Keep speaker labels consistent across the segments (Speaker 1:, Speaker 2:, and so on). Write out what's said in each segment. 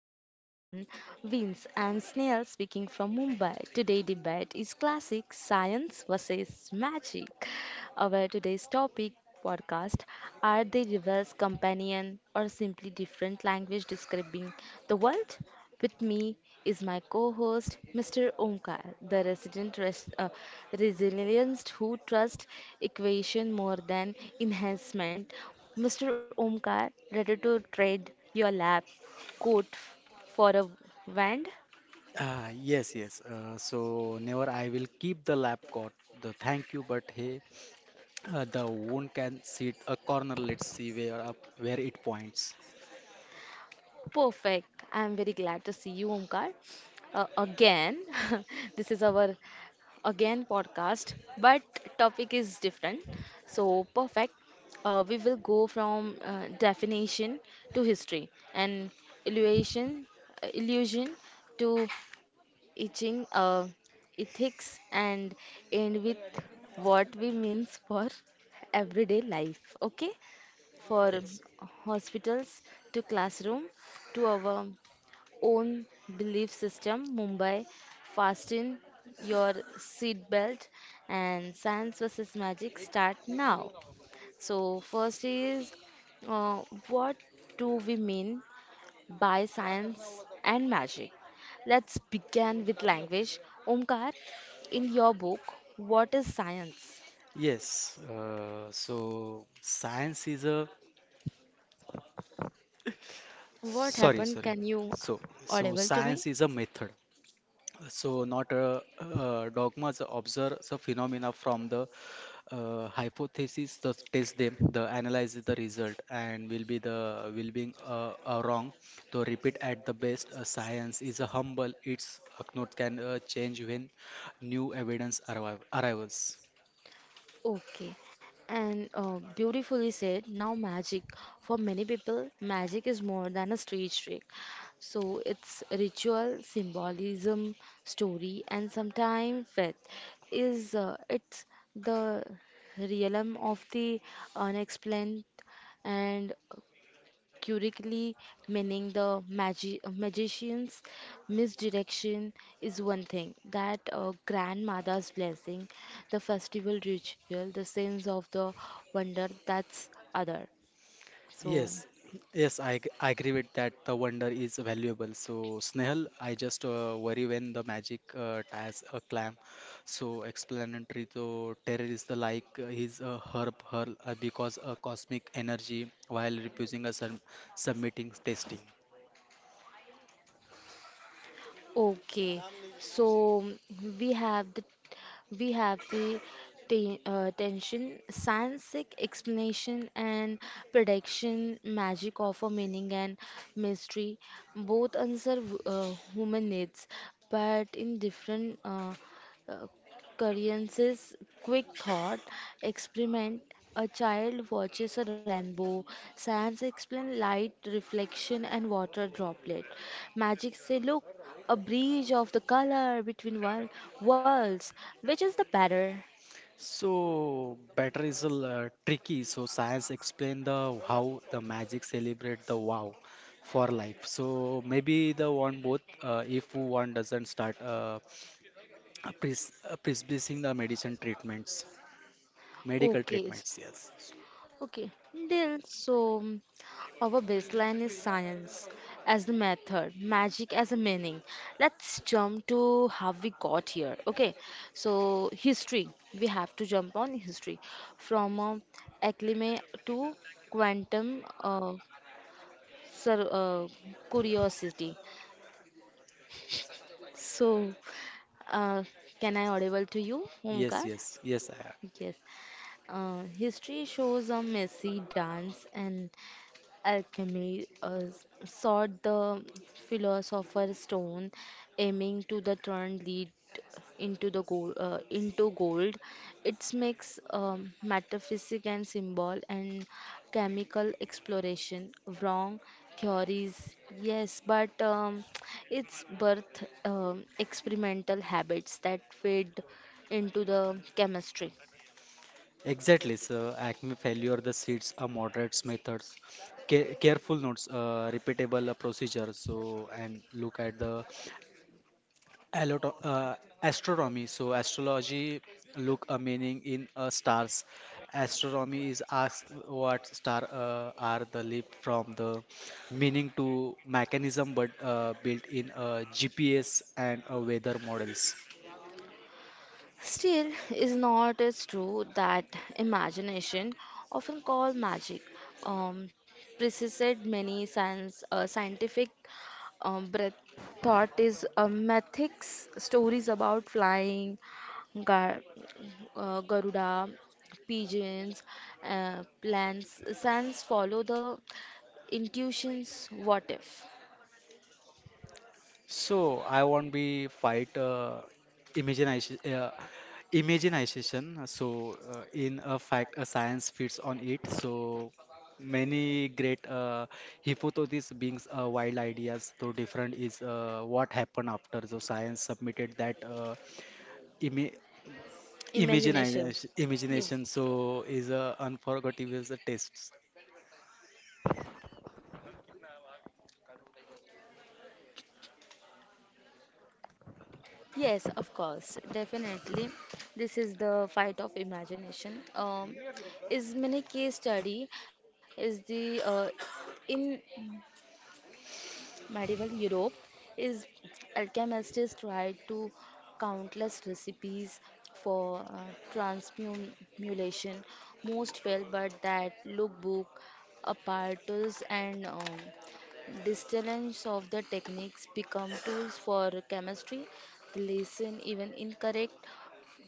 Speaker 1: collide and wins and Snail speaking from Mumbai. Today debate is classic science versus magic. Our today's topic podcast are they rivals companion or simply different language describing the world? With me is my co-host Mr. Omkar, the resident resilience who trusts equation more than enhancement. Mr. Omkar, ready to trade your lab coat for a wand.
Speaker 2: Ah, yes, yes. So never I will keep the lap coat. The thank you, but hey, the one can sit a corner. Let's see where it points.
Speaker 1: Perfect. I'm very glad to see you, Omkar, again. This is our again podcast, but topic is different. So perfect. We will go from definition to history and illusion, illusion to etching, uh, ethics, and end with what we means for everyday life. Okay. For
Speaker 2: Yes,
Speaker 1: hospitals to classroom to our own belief system. Mumbai, fasten your seatbelt and science versus magic start now. So, first is uh, what do we mean by science and magic? Let's begin with language. Omkar, in your book, what is science?
Speaker 2: yes. So science is a
Speaker 1: What
Speaker 2: sorry,
Speaker 1: happened?
Speaker 2: sorry.
Speaker 1: Can you
Speaker 2: So so
Speaker 1: audible to me?
Speaker 2: science is a method. So not a, dogmas. Observe the phenomena from the hypothesis the test them the analyze the result and will be wrong to repeat at the best science is a humble its note can change when new evidence arrives.
Speaker 1: Okay, and beautifully said. Now, magic. For many people, magic is more than a street trick. So, it's ritual, symbolism, story, and sometimes faith. Is It's the realm of the unexplained and curiously meaning the magician's misdirection is one thing that grandmother's blessing the festival ritual the sense of the wonder that's other. So,
Speaker 2: Yes, yes, I agree with that. The wonder is valuable. So, Snehal, I just worry when the magic ties a clam. So, explanatory to terrorist like her because a cosmic energy while refusing a submitting testing.
Speaker 1: okay, so we have the we have the tension, scientific explanation, and prediction, magic of a meaning and mystery. Both answer human needs, but in different uh, Koreans' quick thought experiment. A child watches a rainbow. Science explains light, reflection, and water droplet. Magic say, look, a bridge of the color between worlds. Which is the better?
Speaker 2: So, better is a tricky. So, science explain the how the magic celebrate the wow for life. So, maybe the one both if one doesn't start. Prescribing the medical
Speaker 1: Okay,
Speaker 2: treatments. Yes,
Speaker 1: okay, deal. So, our baseline is science as the method, magic as a meaning. Let's jump to how we got here. Okay, so history. We have to jump on history from acclimate to quantum sur- uh, curiosity. So, uh, can I audible to you,
Speaker 2: yes,
Speaker 1: Omkar?
Speaker 2: yes, yes. I have.
Speaker 1: Yes, history shows a messy dance and alchemy sought the philosopher's stone, aiming to the turn lead into the gold. Into gold, it makes metaphysic and symbol and chemical exploration. Wrong theories, yes, but it's birth experimental habits that fed into the chemistry.
Speaker 2: Exactly. So acne failure, the seeds are moderate methods, careful notes, repeatable procedures. So and look at the Alot- uh, astronomy. So astrology look a meaning in stars. Astronomy is asked what star are the leap from the meaning to mechanism, but built in GPS and weather models.
Speaker 1: Still, is not it true that imagination, often called magic, um, preceded many scientific breath thought is mythics, stories about flying, gar Garuda, pigeons, plants. Science follow the intuitions. What if?
Speaker 2: So I won't be fight imagination, uh, imagination. So in a fact, a science fits on it. So many great hypotheses being wild ideas. So different is what happened after. So science submitted that ima
Speaker 1: Imagination.
Speaker 2: imagination.
Speaker 1: Yes.
Speaker 2: Imagination. So is a unforgettable test.
Speaker 1: Yes, of course, definitely. This is the fight of imagination. Is many case study is the in Medieval Europe is alchemists tried to countless recipes for transmutation. Most failed, but that lookbook, apparatus, and distillings of the techniques become tools for chemistry. The lesson, even incorrect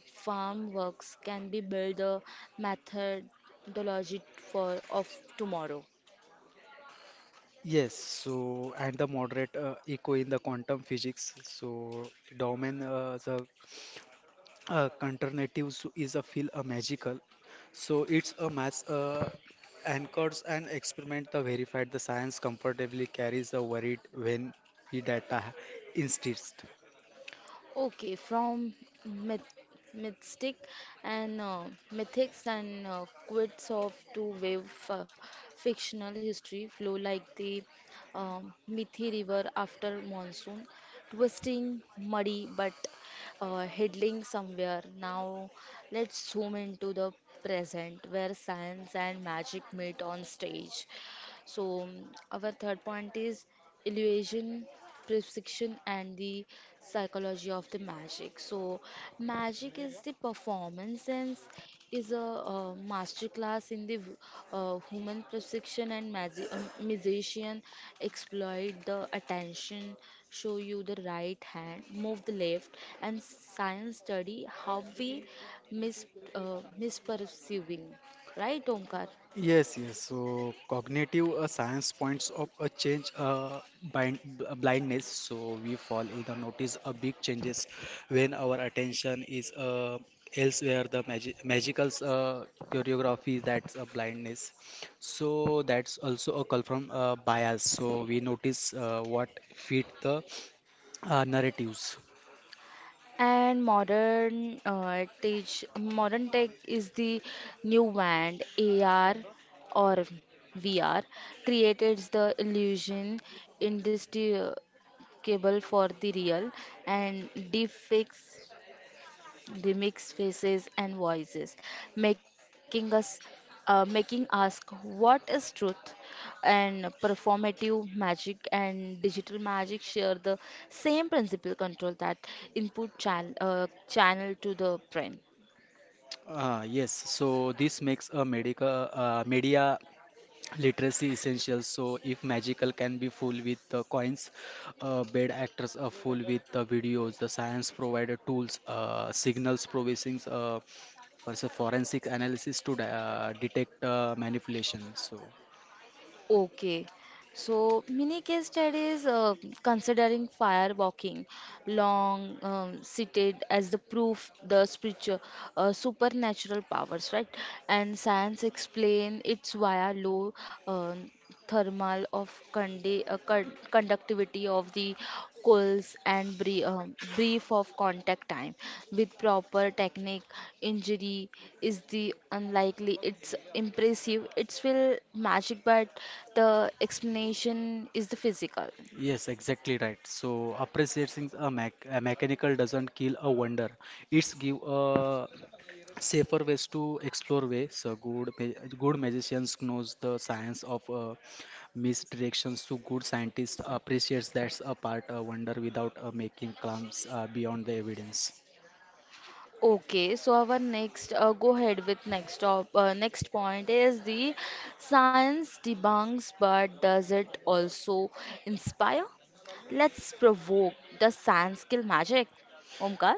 Speaker 1: farm works, can be built a methodology for of tomorrow.
Speaker 2: Yes, so and the moderate echo in the quantum physics. So domain the alternatives is a feel a magical so it's a mass anchors and experiment the verified the science comfortably carries a worried when we data insists.
Speaker 1: Okay, from myth, mystic and mythics and quits of two-wave f- fictional history flow like the Mithi River after monsoon, twisting, muddy, but heading somewhere. Now, let's zoom into the present where science and magic meet on stage. So, our third point is illusion, perception, and the psychology of the magic. So, magic is the performance sense, is a, masterclass in the human perception and magician exploit the attention, show you the right hand, move the left, and science study how we mis misperceiving, right, Omkar?
Speaker 2: Yes, yes. So cognitive science points of a blindness. So we fall in the notice a big changes when our attention is elsewhere. The magical choreography that's a blindness. So that's also a call from bias. So we notice what fit the narratives.
Speaker 1: And modern tech is the new band AR or VR created the illusion indestructible for the real and deep fakes they mix faces and voices, making us making ask what is truth and performative magic and digital magic share the same principle control that input channel to the brain.
Speaker 2: Yes. So this makes a medical media literacy essentials so if magical can be full with the coins bad actors are full with the videos the science provider tools signals provisions for the forensic analysis to detect manipulation so
Speaker 1: Okay, so mini case studies considering fire walking, long cited as the proof the spiritual supernatural powers, right? And science explain it's via low um thermal of conductivity of the coils and brief of contact time. With proper technique, injury is the unlikely. It's impressive. It's will magic, but the explanation is the physical.
Speaker 2: yes exactly right so appreciating a mechanical doesn't kill a wonder it's give a safer ways to explore way so good magicians knows the science of misdirections to good scientists appreciates that's a part a wonder without making claims beyond the evidence.
Speaker 1: Okay, so go ahead with next point is the science debunks, but does it also inspire? Let's provoke the science kill magic. Omkar?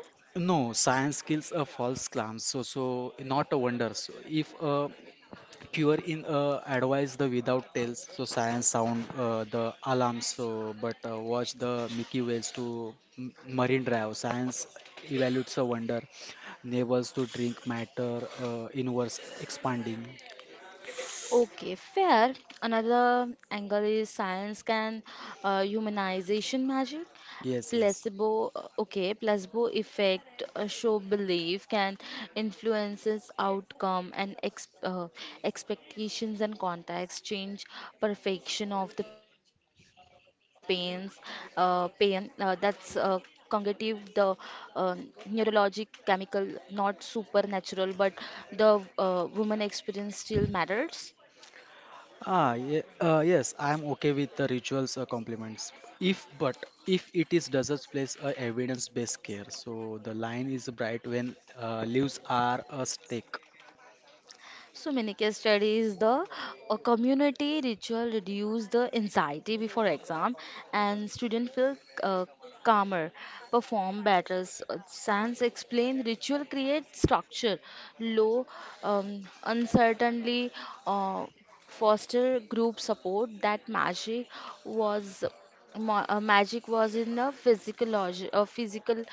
Speaker 2: No science kills a false claim so not a wonder so if cure in advise the without tails so science sound the alarm so but watch the mickey whales to marine drive science evaluates a wonder neighbors to drink matter inverse expanding.
Speaker 1: Okay, fair. Another angle is science can humanization magic.
Speaker 2: Yes, yes.
Speaker 1: Okay, placebo effect, show belief can influences outcome and ex expectations and context change perfection of the pain. That's cognitive, the neurologic chemical, not supernatural, but the woman experience still matters.
Speaker 2: Ah, ye yes, I am okay with the rituals or compliments. If but if it is doesn't place a evidence-based care, so the line is bright when leaves are a stake.
Speaker 1: So many case studies, the a community ritual reduce the anxiety before exam and student feel uh, calmer, perform better. Science explain ritual create structure, low uncertainty, uh, foster group support that was magic was in the physical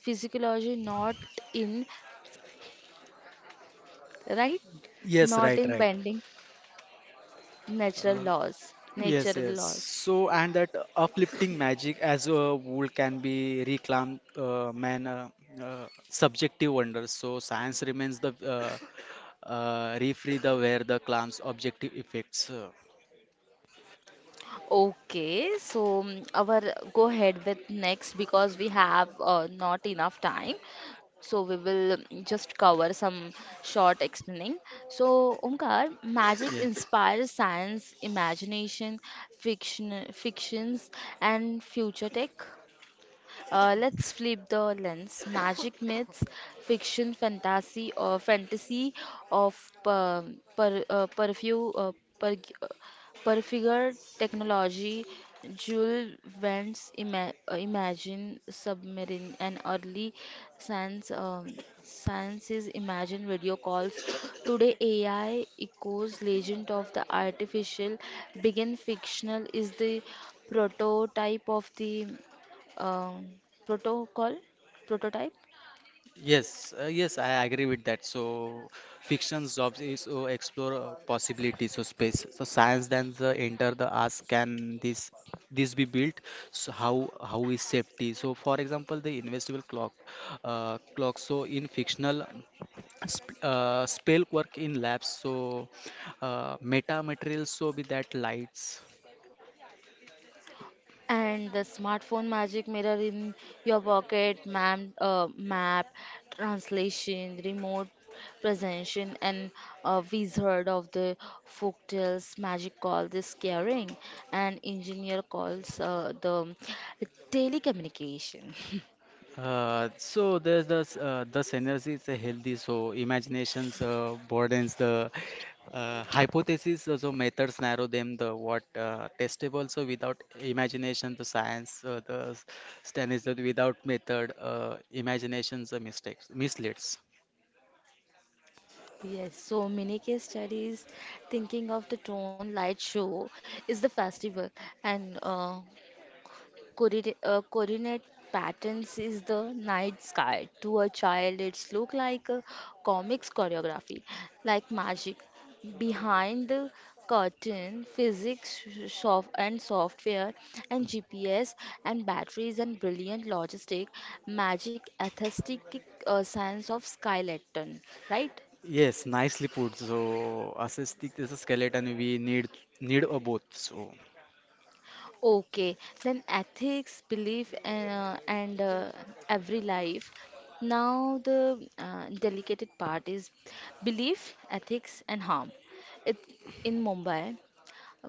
Speaker 1: physiology, not in, right,
Speaker 2: Yes,
Speaker 1: not
Speaker 2: right,
Speaker 1: in
Speaker 2: right.
Speaker 1: bending. Natural
Speaker 2: Uh,
Speaker 1: laws.
Speaker 2: yes,
Speaker 1: Natural
Speaker 2: yes.
Speaker 1: laws.
Speaker 2: So and that uplifting magic as a wool can be reclaimed, man. Subjective wonder. So science remains the refree the where the claims objective effects.
Speaker 1: Okay, so our go ahead with next because we have not enough time. So we will just cover some short explaining. So Omkar, magic
Speaker 2: Yeah.
Speaker 1: inspires science, imagination, fictions, and future tech. Let's flip the lens. Magic myths, fiction, fantasy of um, per, uh, perfu, uh, per, uh, perfigure technology. Jules Verne's Imagine Submarine, an early science um, science Imagine video calls. Today, AI echoes legend of the artificial. Begin fictional is the prototype of the um, protocol prototype
Speaker 2: Yes, yes, I agree with that. So, fiction jobs is explore possibilities so space. So, science then the enter the ask can this be built? So, how is safety? So, for example, the invisible clock, clock. So, in fictional sp spell work in labs. So, meta materials. So, be that lights.
Speaker 1: and the smartphone magic mirror in your pocket map translation remote presentation and a wizard of the folktales magic call this caring and engineer calls the telecommunication.
Speaker 2: So there's this the synergy is healthy. So imaginations broadens the hypothesis. So methods narrow them. The what testable. So without imagination, the science the standards that without method, imaginations are mistakes misleads.
Speaker 1: Yes, so many case studies thinking of the tone light show is the festival and coordinate patterns is the night sky. To a child, it's look like a comics choreography, like magic. Behind the curtain, physics, soft and software, and GPS and batteries and brilliant logistic, magic, aesthetic science of skeleton, right?
Speaker 2: Yes, nicely put. So assistic is a skeleton. We need need a both. So.
Speaker 1: Okay, then ethics, belief, and every life. Now, the delicated part is belief, ethics, and harm. It, in Mumbai,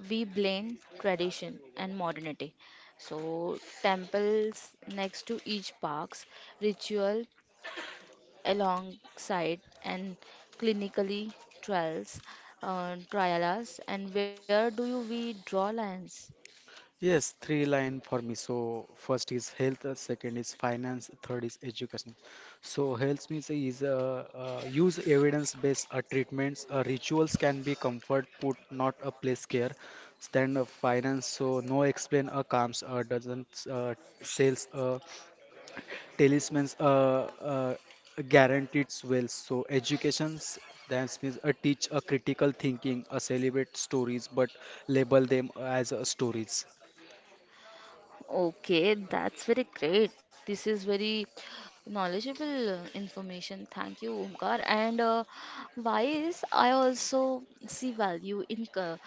Speaker 1: we blend tradition and modernity. So, temples next to each parks, ritual alongside, and clinically trials, trialas. And where do we draw lines?
Speaker 2: Yes, three line for me. So first is health, second is finance, third is education. So health means is use evidence-based treatments. Rituals can be comfort, put not a place care. Stand of finance. So no explain comes doesn't sales talismans guaranteed wells. So educations that means teach a critical thinking, celebrate stories, but label them as stories.
Speaker 1: Okay, that's very great. This is very knowledgeable information. Thank you, Omkar. And why is I also see value in co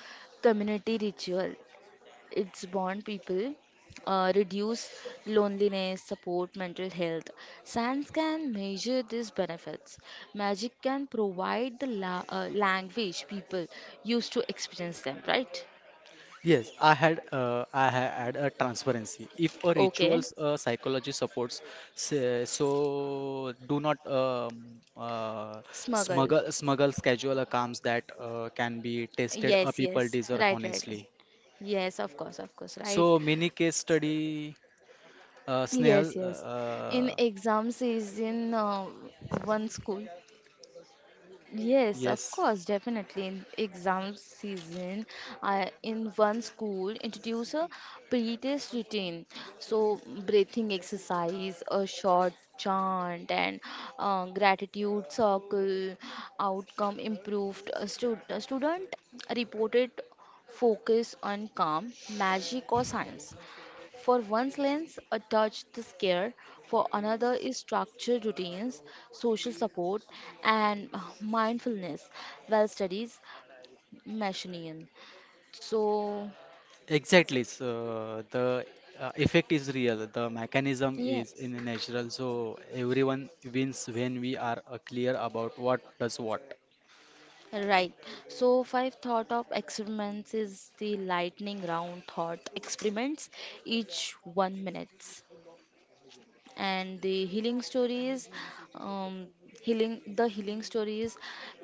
Speaker 1: community ritual. It's bond people, reduce loneliness, support mental health. Science can measure these benefits. Magic can provide the la language people use to experience them, right?
Speaker 2: Yes, I had a transparency. If a
Speaker 1: Okay,
Speaker 2: rituals psychology supports, say, so do not
Speaker 1: smuggle.
Speaker 2: smuggle schedule accounts that can be tested a
Speaker 1: Yes,
Speaker 2: people
Speaker 1: yes.
Speaker 2: deserve
Speaker 1: Right, right, right.
Speaker 2: honestly.
Speaker 1: Yes, of course, right.
Speaker 2: So mini case study,
Speaker 1: Yes,
Speaker 2: Snehal.
Speaker 1: yes. In exam season, one school. Yes, of
Speaker 2: Yes,
Speaker 1: course, definitely. In exam season, I in one school introduce a pre-test routine. So breathing exercise, a short chant, and gratitude circle. Outcome improved. A student reported focus on calm, magic, or science. For one's lens, a touch the scare. For another is structured routines, social support, and mindfulness. Well, studies machinian. So
Speaker 2: exactly. So the effect is real. The mechanism is
Speaker 1: yes,
Speaker 2: in natural. So everyone wins when we are clear about what does what.
Speaker 1: right. So five thought of experiments is the lightning round thought experiments, each 1 minute. And the um, healing stories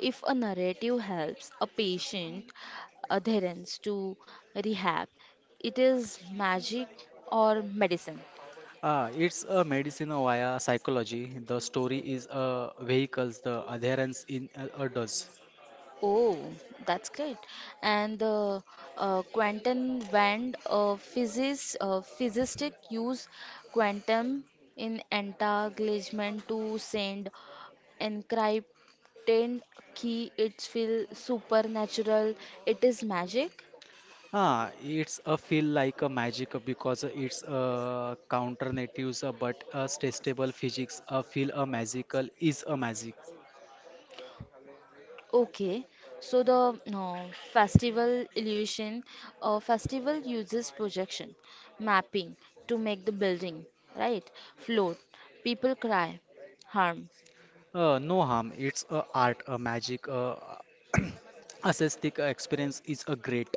Speaker 1: if a narrative helps a patient adherence to rehab it is magic or medicine.
Speaker 2: Ah, it's a medicine via psychology. The story is a vehicles, the adherence in a does.
Speaker 1: Oh, that's great. And the physicists use quantum in entanglement to send encrypted key. It feels supernatural. It is magic.
Speaker 2: Ah, it's a feel like a magic because it's a counter natives, but a testable physics. A feel a magical is a magic.
Speaker 1: Okay, so the no, festival uses projection, mapping to make the building, right? Float, people cry, harm.
Speaker 2: No harm. It's a art, a magic. Aesthetic experience is a great.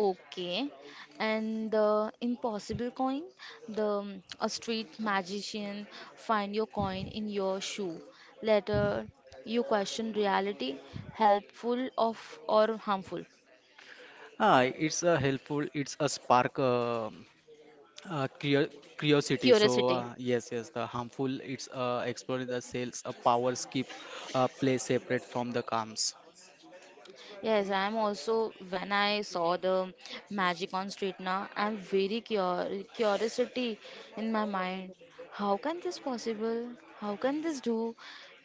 Speaker 1: Okay, and the impossible coin, the a street magician find your coin in your shoe. Later, you question reality, helpful of or harmful.
Speaker 2: Ah, it's a helpful. It's a spark. Uh, curio- curiosity so
Speaker 1: Curiosity.
Speaker 2: yes yes the harmful it's exploring the sales. Powers keep play separate from the calms.
Speaker 1: Yes, I'm also, when I saw the magic on street now, I'm very curiosity in my mind. How can this possible? How can this do?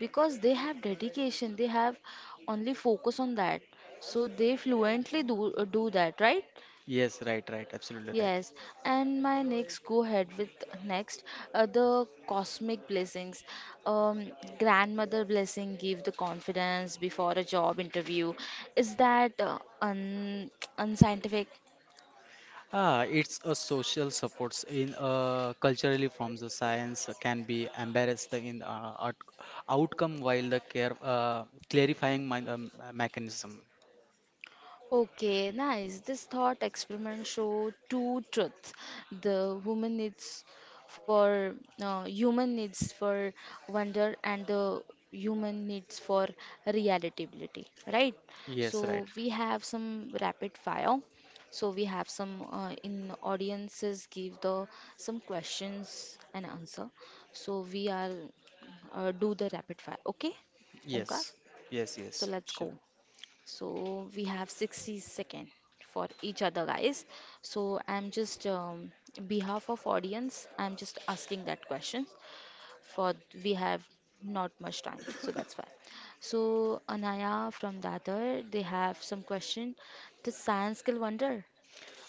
Speaker 1: Because they have dedication, they have only focus on that. So they fluently do that, right?
Speaker 2: Yes right right absolutely right.
Speaker 1: Yes, and my next go ahead with next, the cosmic blessings. Um, Grandmother blessing give the confidence before a job interview. Is that un unscientific?
Speaker 2: Ah it's a social supports in culturally from the science can be embarrassed in outcome while the care clarifying mind mechanism.
Speaker 1: Okay, nice. This thought experiment show two truths. The woman needs for Human needs for wonder and the human needs for realitability, right?
Speaker 2: Yes right.
Speaker 1: So we have some rapid fire. So we have some in audiences give the some questions and answer. So we are do the rapid fire. Okay, Omkar.
Speaker 2: Yes yes
Speaker 1: So
Speaker 2: yes
Speaker 1: let's
Speaker 2: sure.
Speaker 1: go. So we have 60 second for each other, guys. So I'm just behalf of audience, I'm just asking that question. For we have not much time, so that's why. So Anaya from Datar, they have some question. The science skill wonder.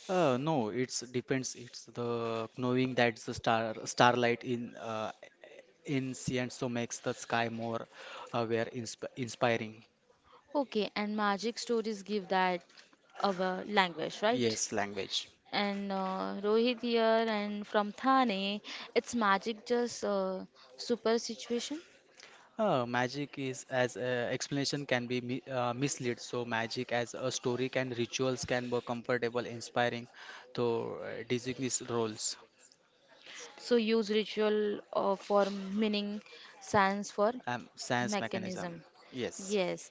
Speaker 2: no, it's depends. It's the knowing that the star starlight in so makes the sky more aware, inspiring.
Speaker 1: Okay, and magic stories give that our language, right?
Speaker 2: Yes, language.
Speaker 1: And Rohit here and from Thane, it's magic just super situation.
Speaker 2: Magic is as explanation can be mi mislead. So magic as a story can rituals can be comfortable, inspiring. So designees roles,
Speaker 1: So use ritual for meaning, science for
Speaker 2: science mechanism.
Speaker 1: mechanism.
Speaker 2: Yes,
Speaker 1: Yes.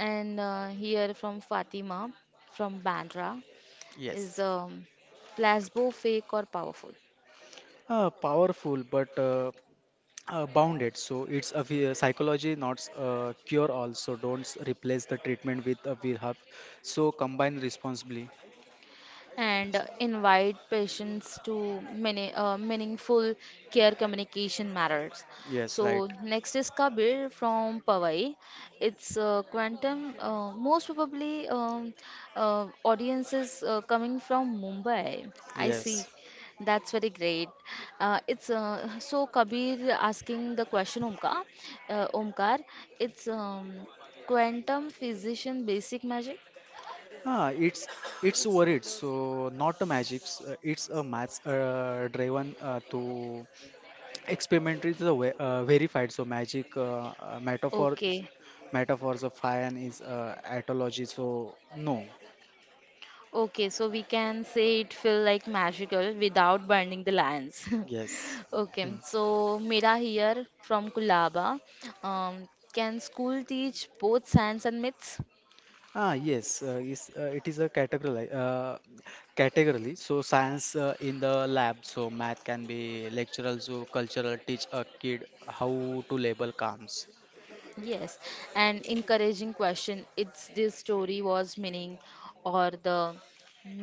Speaker 1: And Here from Fatima from Bandra is
Speaker 2: yes.
Speaker 1: placebo fake or powerful?
Speaker 2: Powerful, but bounded. So it's a psychology, not a cure. Also, don't replace the treatment with a we have. So combine responsibly.
Speaker 1: And invite patients to many, meaningful care communication matters.
Speaker 2: Yes,
Speaker 1: So
Speaker 2: right.
Speaker 1: next is Kabir from Powai. It's quantum. Most probably, audience is coming from Mumbai. I see.
Speaker 2: Yes.
Speaker 1: That's very great. It's so Kabir asking the question, Omkar. Omkar, it's quantum physician basic magic.
Speaker 2: Ah, it's it's worried. So not a magic. It's a maths driven to experimentally the verified. So magic
Speaker 1: Okay.
Speaker 2: metaphors of iron is etology. So no.
Speaker 1: Okay, so we can say it feel like magical without burning the lands.
Speaker 2: Yes. Hmm.
Speaker 1: Okay, so Mira here from Kulaba. Can school teach both science and myths?
Speaker 2: Ah yes. Is it is a category category. So science in the lab. So math can be lectural. So cultural teach a kid how to label comes.
Speaker 1: Yes, an encouraging question. It's this story was meaning or the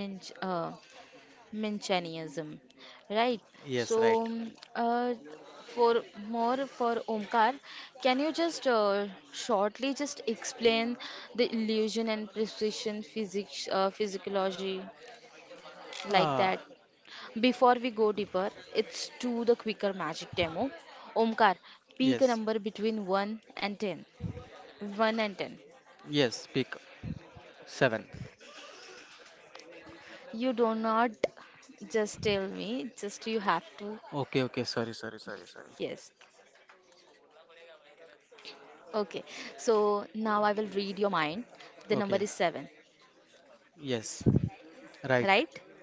Speaker 1: minch- uh, Manchanianism, right?
Speaker 2: Yes,
Speaker 1: So,
Speaker 2: right.
Speaker 1: for more for Omkar, can you just shortly just explain the illusion and precision physics, physiology like that?
Speaker 2: Ah.
Speaker 1: Before we go deeper, it's to the quicker magic demo. Omkar, pick a
Speaker 2: Yes.
Speaker 1: number between 1 and 10. 1 and 10.
Speaker 2: Yes. Pick seven.
Speaker 1: You do not just tell me, just you have to.
Speaker 2: Okay. Okay. Sorry. Sorry. Sorry. Sorry.
Speaker 1: Yes. Okay, so now I will read your mind. The
Speaker 2: Okay.
Speaker 1: number is seven,
Speaker 2: Yes. Right.
Speaker 1: right?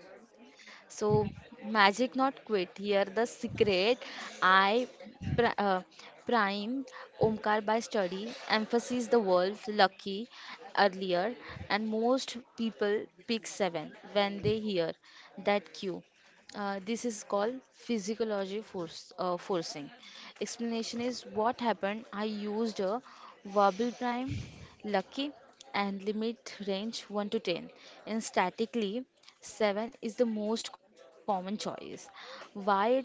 Speaker 1: So, magic not quit. Here, the secret I pri- uh, prime Omkar by study, emphasis the word lucky earlier, and most people pick seven when they hear that cue. This is called physiology force, forcing. Explanation is what happened. I used a verbal prime lucky, and limit range 1 to 10. In statically, 7 is the most common choice. Why it's work?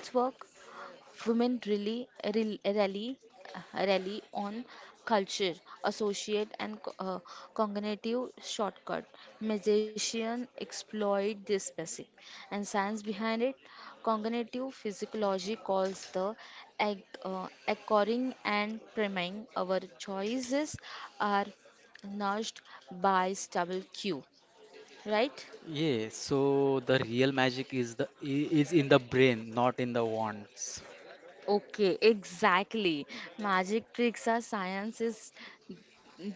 Speaker 1: Women really rally on culture, associate and cognitive shortcut. Magicians exploit this basic and science behind it. Cognitive physiology calls the acquiring and priming our choices are nudged by stable cue, right?
Speaker 2: Yeah. So the real magic is is in the brain, not in the wands.
Speaker 1: Okay, exactly. Magic tricks are sciences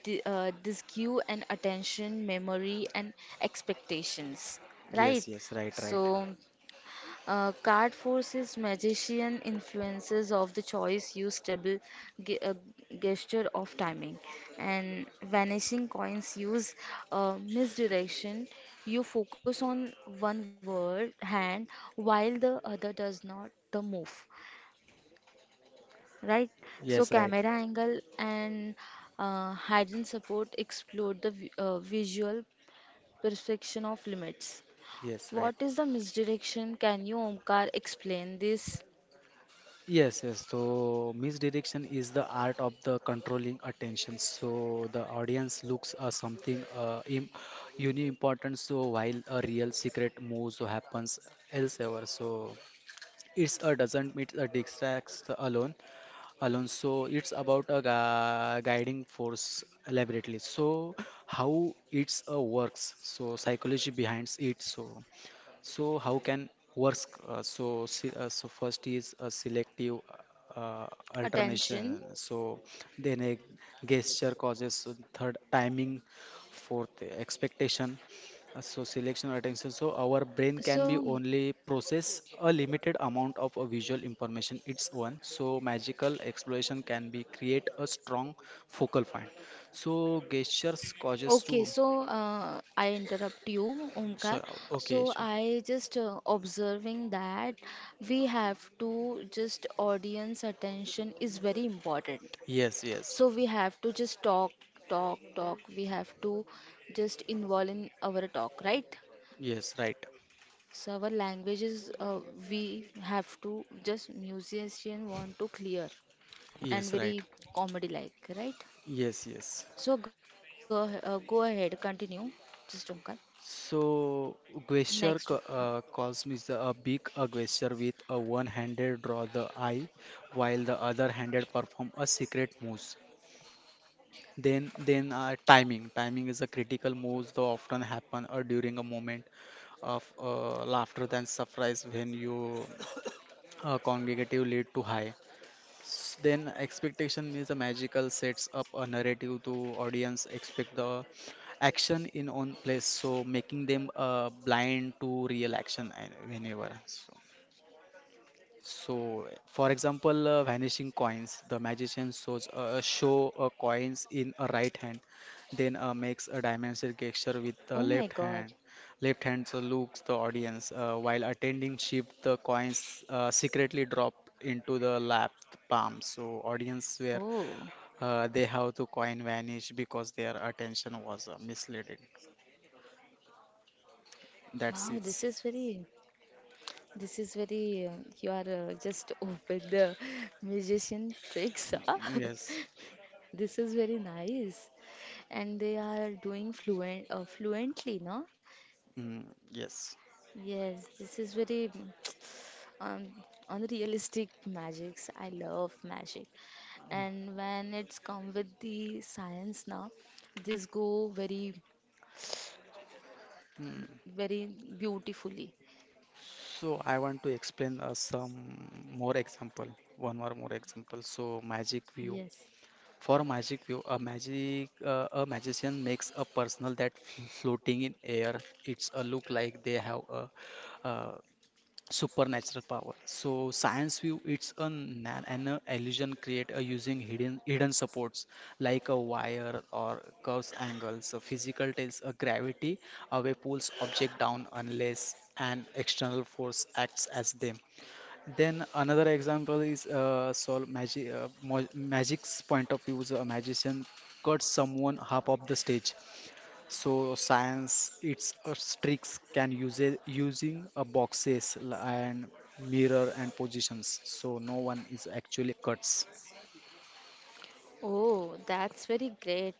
Speaker 1: disque and attention, memory, and expectations. Right?
Speaker 2: Yes. Yes. Right.
Speaker 1: So,
Speaker 2: Right.
Speaker 1: card forces magician influences of the choice, use double ge- uh, gesture of timing, and vanishing coins use misdirection. You focus on one word hand while the other does not the move, right? So
Speaker 2: Yes. Right.
Speaker 1: camera angle and hidden support explore the visual perception of limits.
Speaker 2: Yes. Right.
Speaker 1: What is the misdirection? Can you, Omkar, explain this
Speaker 2: Yes. Yes. So misdirection is the art of the controlling attention. So the audience looks something im- uni important, so while a real secret moves happens elsewhere. So it's a doesn't meet a distracts alone. So it's about a guiding force elaborately. So how it's a works. So psychology behind it. So. So how can works? So first is a selective uh,
Speaker 1: attention?
Speaker 2: alternation. So then a gesture causes so third timing, fourth expectation. So selection attention. So our brain can be
Speaker 1: So,
Speaker 2: only process a limited amount of a visual information its one. So magical exploration can be create a strong focal point. So gestures causes
Speaker 1: okay,
Speaker 2: to.
Speaker 1: so I interrupt you, Omkar.
Speaker 2: So okay,
Speaker 1: So
Speaker 2: sure.
Speaker 1: I just observing that we have to just audience attention is very important.
Speaker 2: Yes, yes,
Speaker 1: So we have to just talk, talk, talk. We have to just involve in our talk, right?
Speaker 2: yes, right.
Speaker 1: So our languages, we have to just musician want to clear and
Speaker 2: Yes, right.
Speaker 1: very comedy like, right?
Speaker 2: Yes, yes.
Speaker 1: So go ahead, continue. Just Omkar.
Speaker 2: So
Speaker 1: Next.
Speaker 2: cosm is a big a gesture with a one-handed draw the eye, while the other-handed perform a secret moves. Then timing. Timing is a critical moves that often happen during a moment of laughter than surprise when you congregative lead to high. Then expectation is a magical sets up a narrative to audience expect the action in own place, so making them blind to real action and whenever. So, so, for example, vanishing coins, the magician shows show coins in a right hand, then makes a dimension gesture with the
Speaker 1: Oh
Speaker 2: left
Speaker 1: my
Speaker 2: hand.
Speaker 1: God.
Speaker 2: Left hand so looks the audience while attending shift the coins secretly drop into the lap palm. So audience where
Speaker 1: Oh,
Speaker 2: they have to coin vanish because their attention was misleading.
Speaker 1: wow,
Speaker 2: That's it.
Speaker 1: this is very, you are just open the musician tricks, huh?
Speaker 2: Yes.
Speaker 1: This is very nice. And they are doing fluently, no?
Speaker 2: Mm, yes.
Speaker 1: Yes, this is very um, unrealistic magics. I love magic. And when it's come with the science now, this go very
Speaker 2: Hmm.
Speaker 1: very beautifully.
Speaker 2: So I want to explain some more example, one or more example. So magic view.
Speaker 1: Yes.
Speaker 2: For magic view, a magician makes a personal that floating in air. It's a look like they have a, uh supernatural power so science view it's an illusion create using hidden supports like a wire or curves angles so physical tells a gravity away pulls object down unless an external force acts as them. Then another example is magic's point of view is a magician cuts someone half of the stage so science, it's a tricks can use it using a boxes and mirror and positions. So no one is actually cuts.
Speaker 1: Oh, that's very great.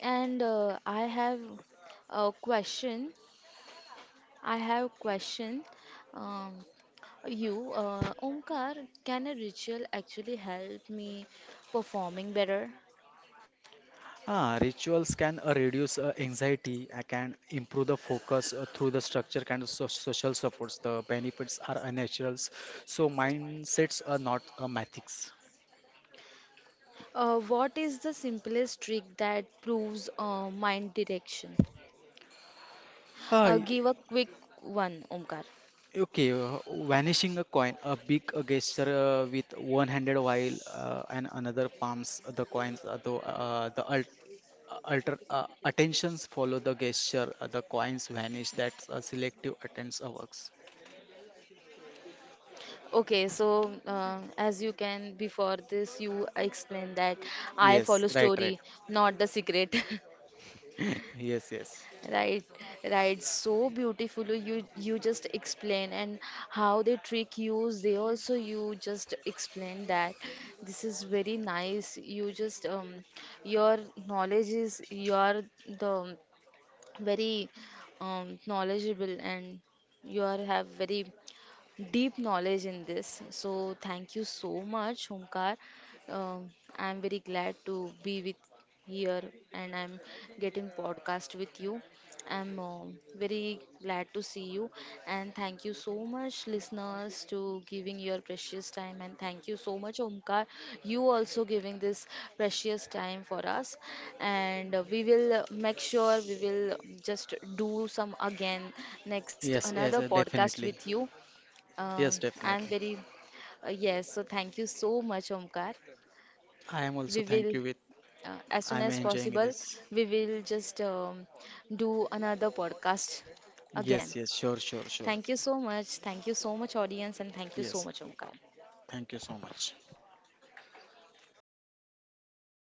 Speaker 1: And I have a question. I have question. Um, You, Omkar, can a ritual actually help me performing better?
Speaker 2: Ah, rituals can reduce anxiety. I can improve the focus through the structure kind of so social supports. The benefits are naturals. So mindsets are not a mathematics.
Speaker 1: What is the simplest trick that proves mind direction?
Speaker 2: Uh, y-
Speaker 1: Give a quick one, Omkar.
Speaker 2: okay, vanishing a coin, a big gesture with one handed while and another palms the coins, the alter attentions follow the gesture the coins vanish that's a selective attends a works.
Speaker 1: Okay, so as you can before this, you explained that I
Speaker 2: Yes
Speaker 1: follow
Speaker 2: right right.
Speaker 1: story, not the secret.
Speaker 2: yes yes.
Speaker 1: Right, right. So beautifully you just explain and how they trick you. They also you just explain that this is very nice. You just your knowledge is you are the very knowledgeable and you are have very deep knowledge in this. So thank you so much, Homkar. Um, I'm very glad to be with here and I'm getting podcast with you. I'm very glad to see you and thank you so much listeners to giving your precious time and thank you so much Omkar you also giving this precious time for us and we will make sure we will just do some again next
Speaker 2: Yes
Speaker 1: another
Speaker 2: yes,
Speaker 1: podcast
Speaker 2: definitely.
Speaker 1: with you. um,
Speaker 2: Yes
Speaker 1: I'm
Speaker 2: definitely.
Speaker 1: very, yes, so thank you so much, Omkar.
Speaker 2: I am also
Speaker 1: We
Speaker 2: thank
Speaker 1: will,
Speaker 2: you with.
Speaker 1: as soon
Speaker 2: I'm
Speaker 1: as
Speaker 2: enjoying
Speaker 1: possible,
Speaker 2: this.
Speaker 1: we will just do another podcast again.
Speaker 2: Yes yes sure sure sure.
Speaker 1: Thank you so much. Thank you so much, audience, and thank you so
Speaker 2: Yes
Speaker 1: much, Omkar.
Speaker 2: thank you so much.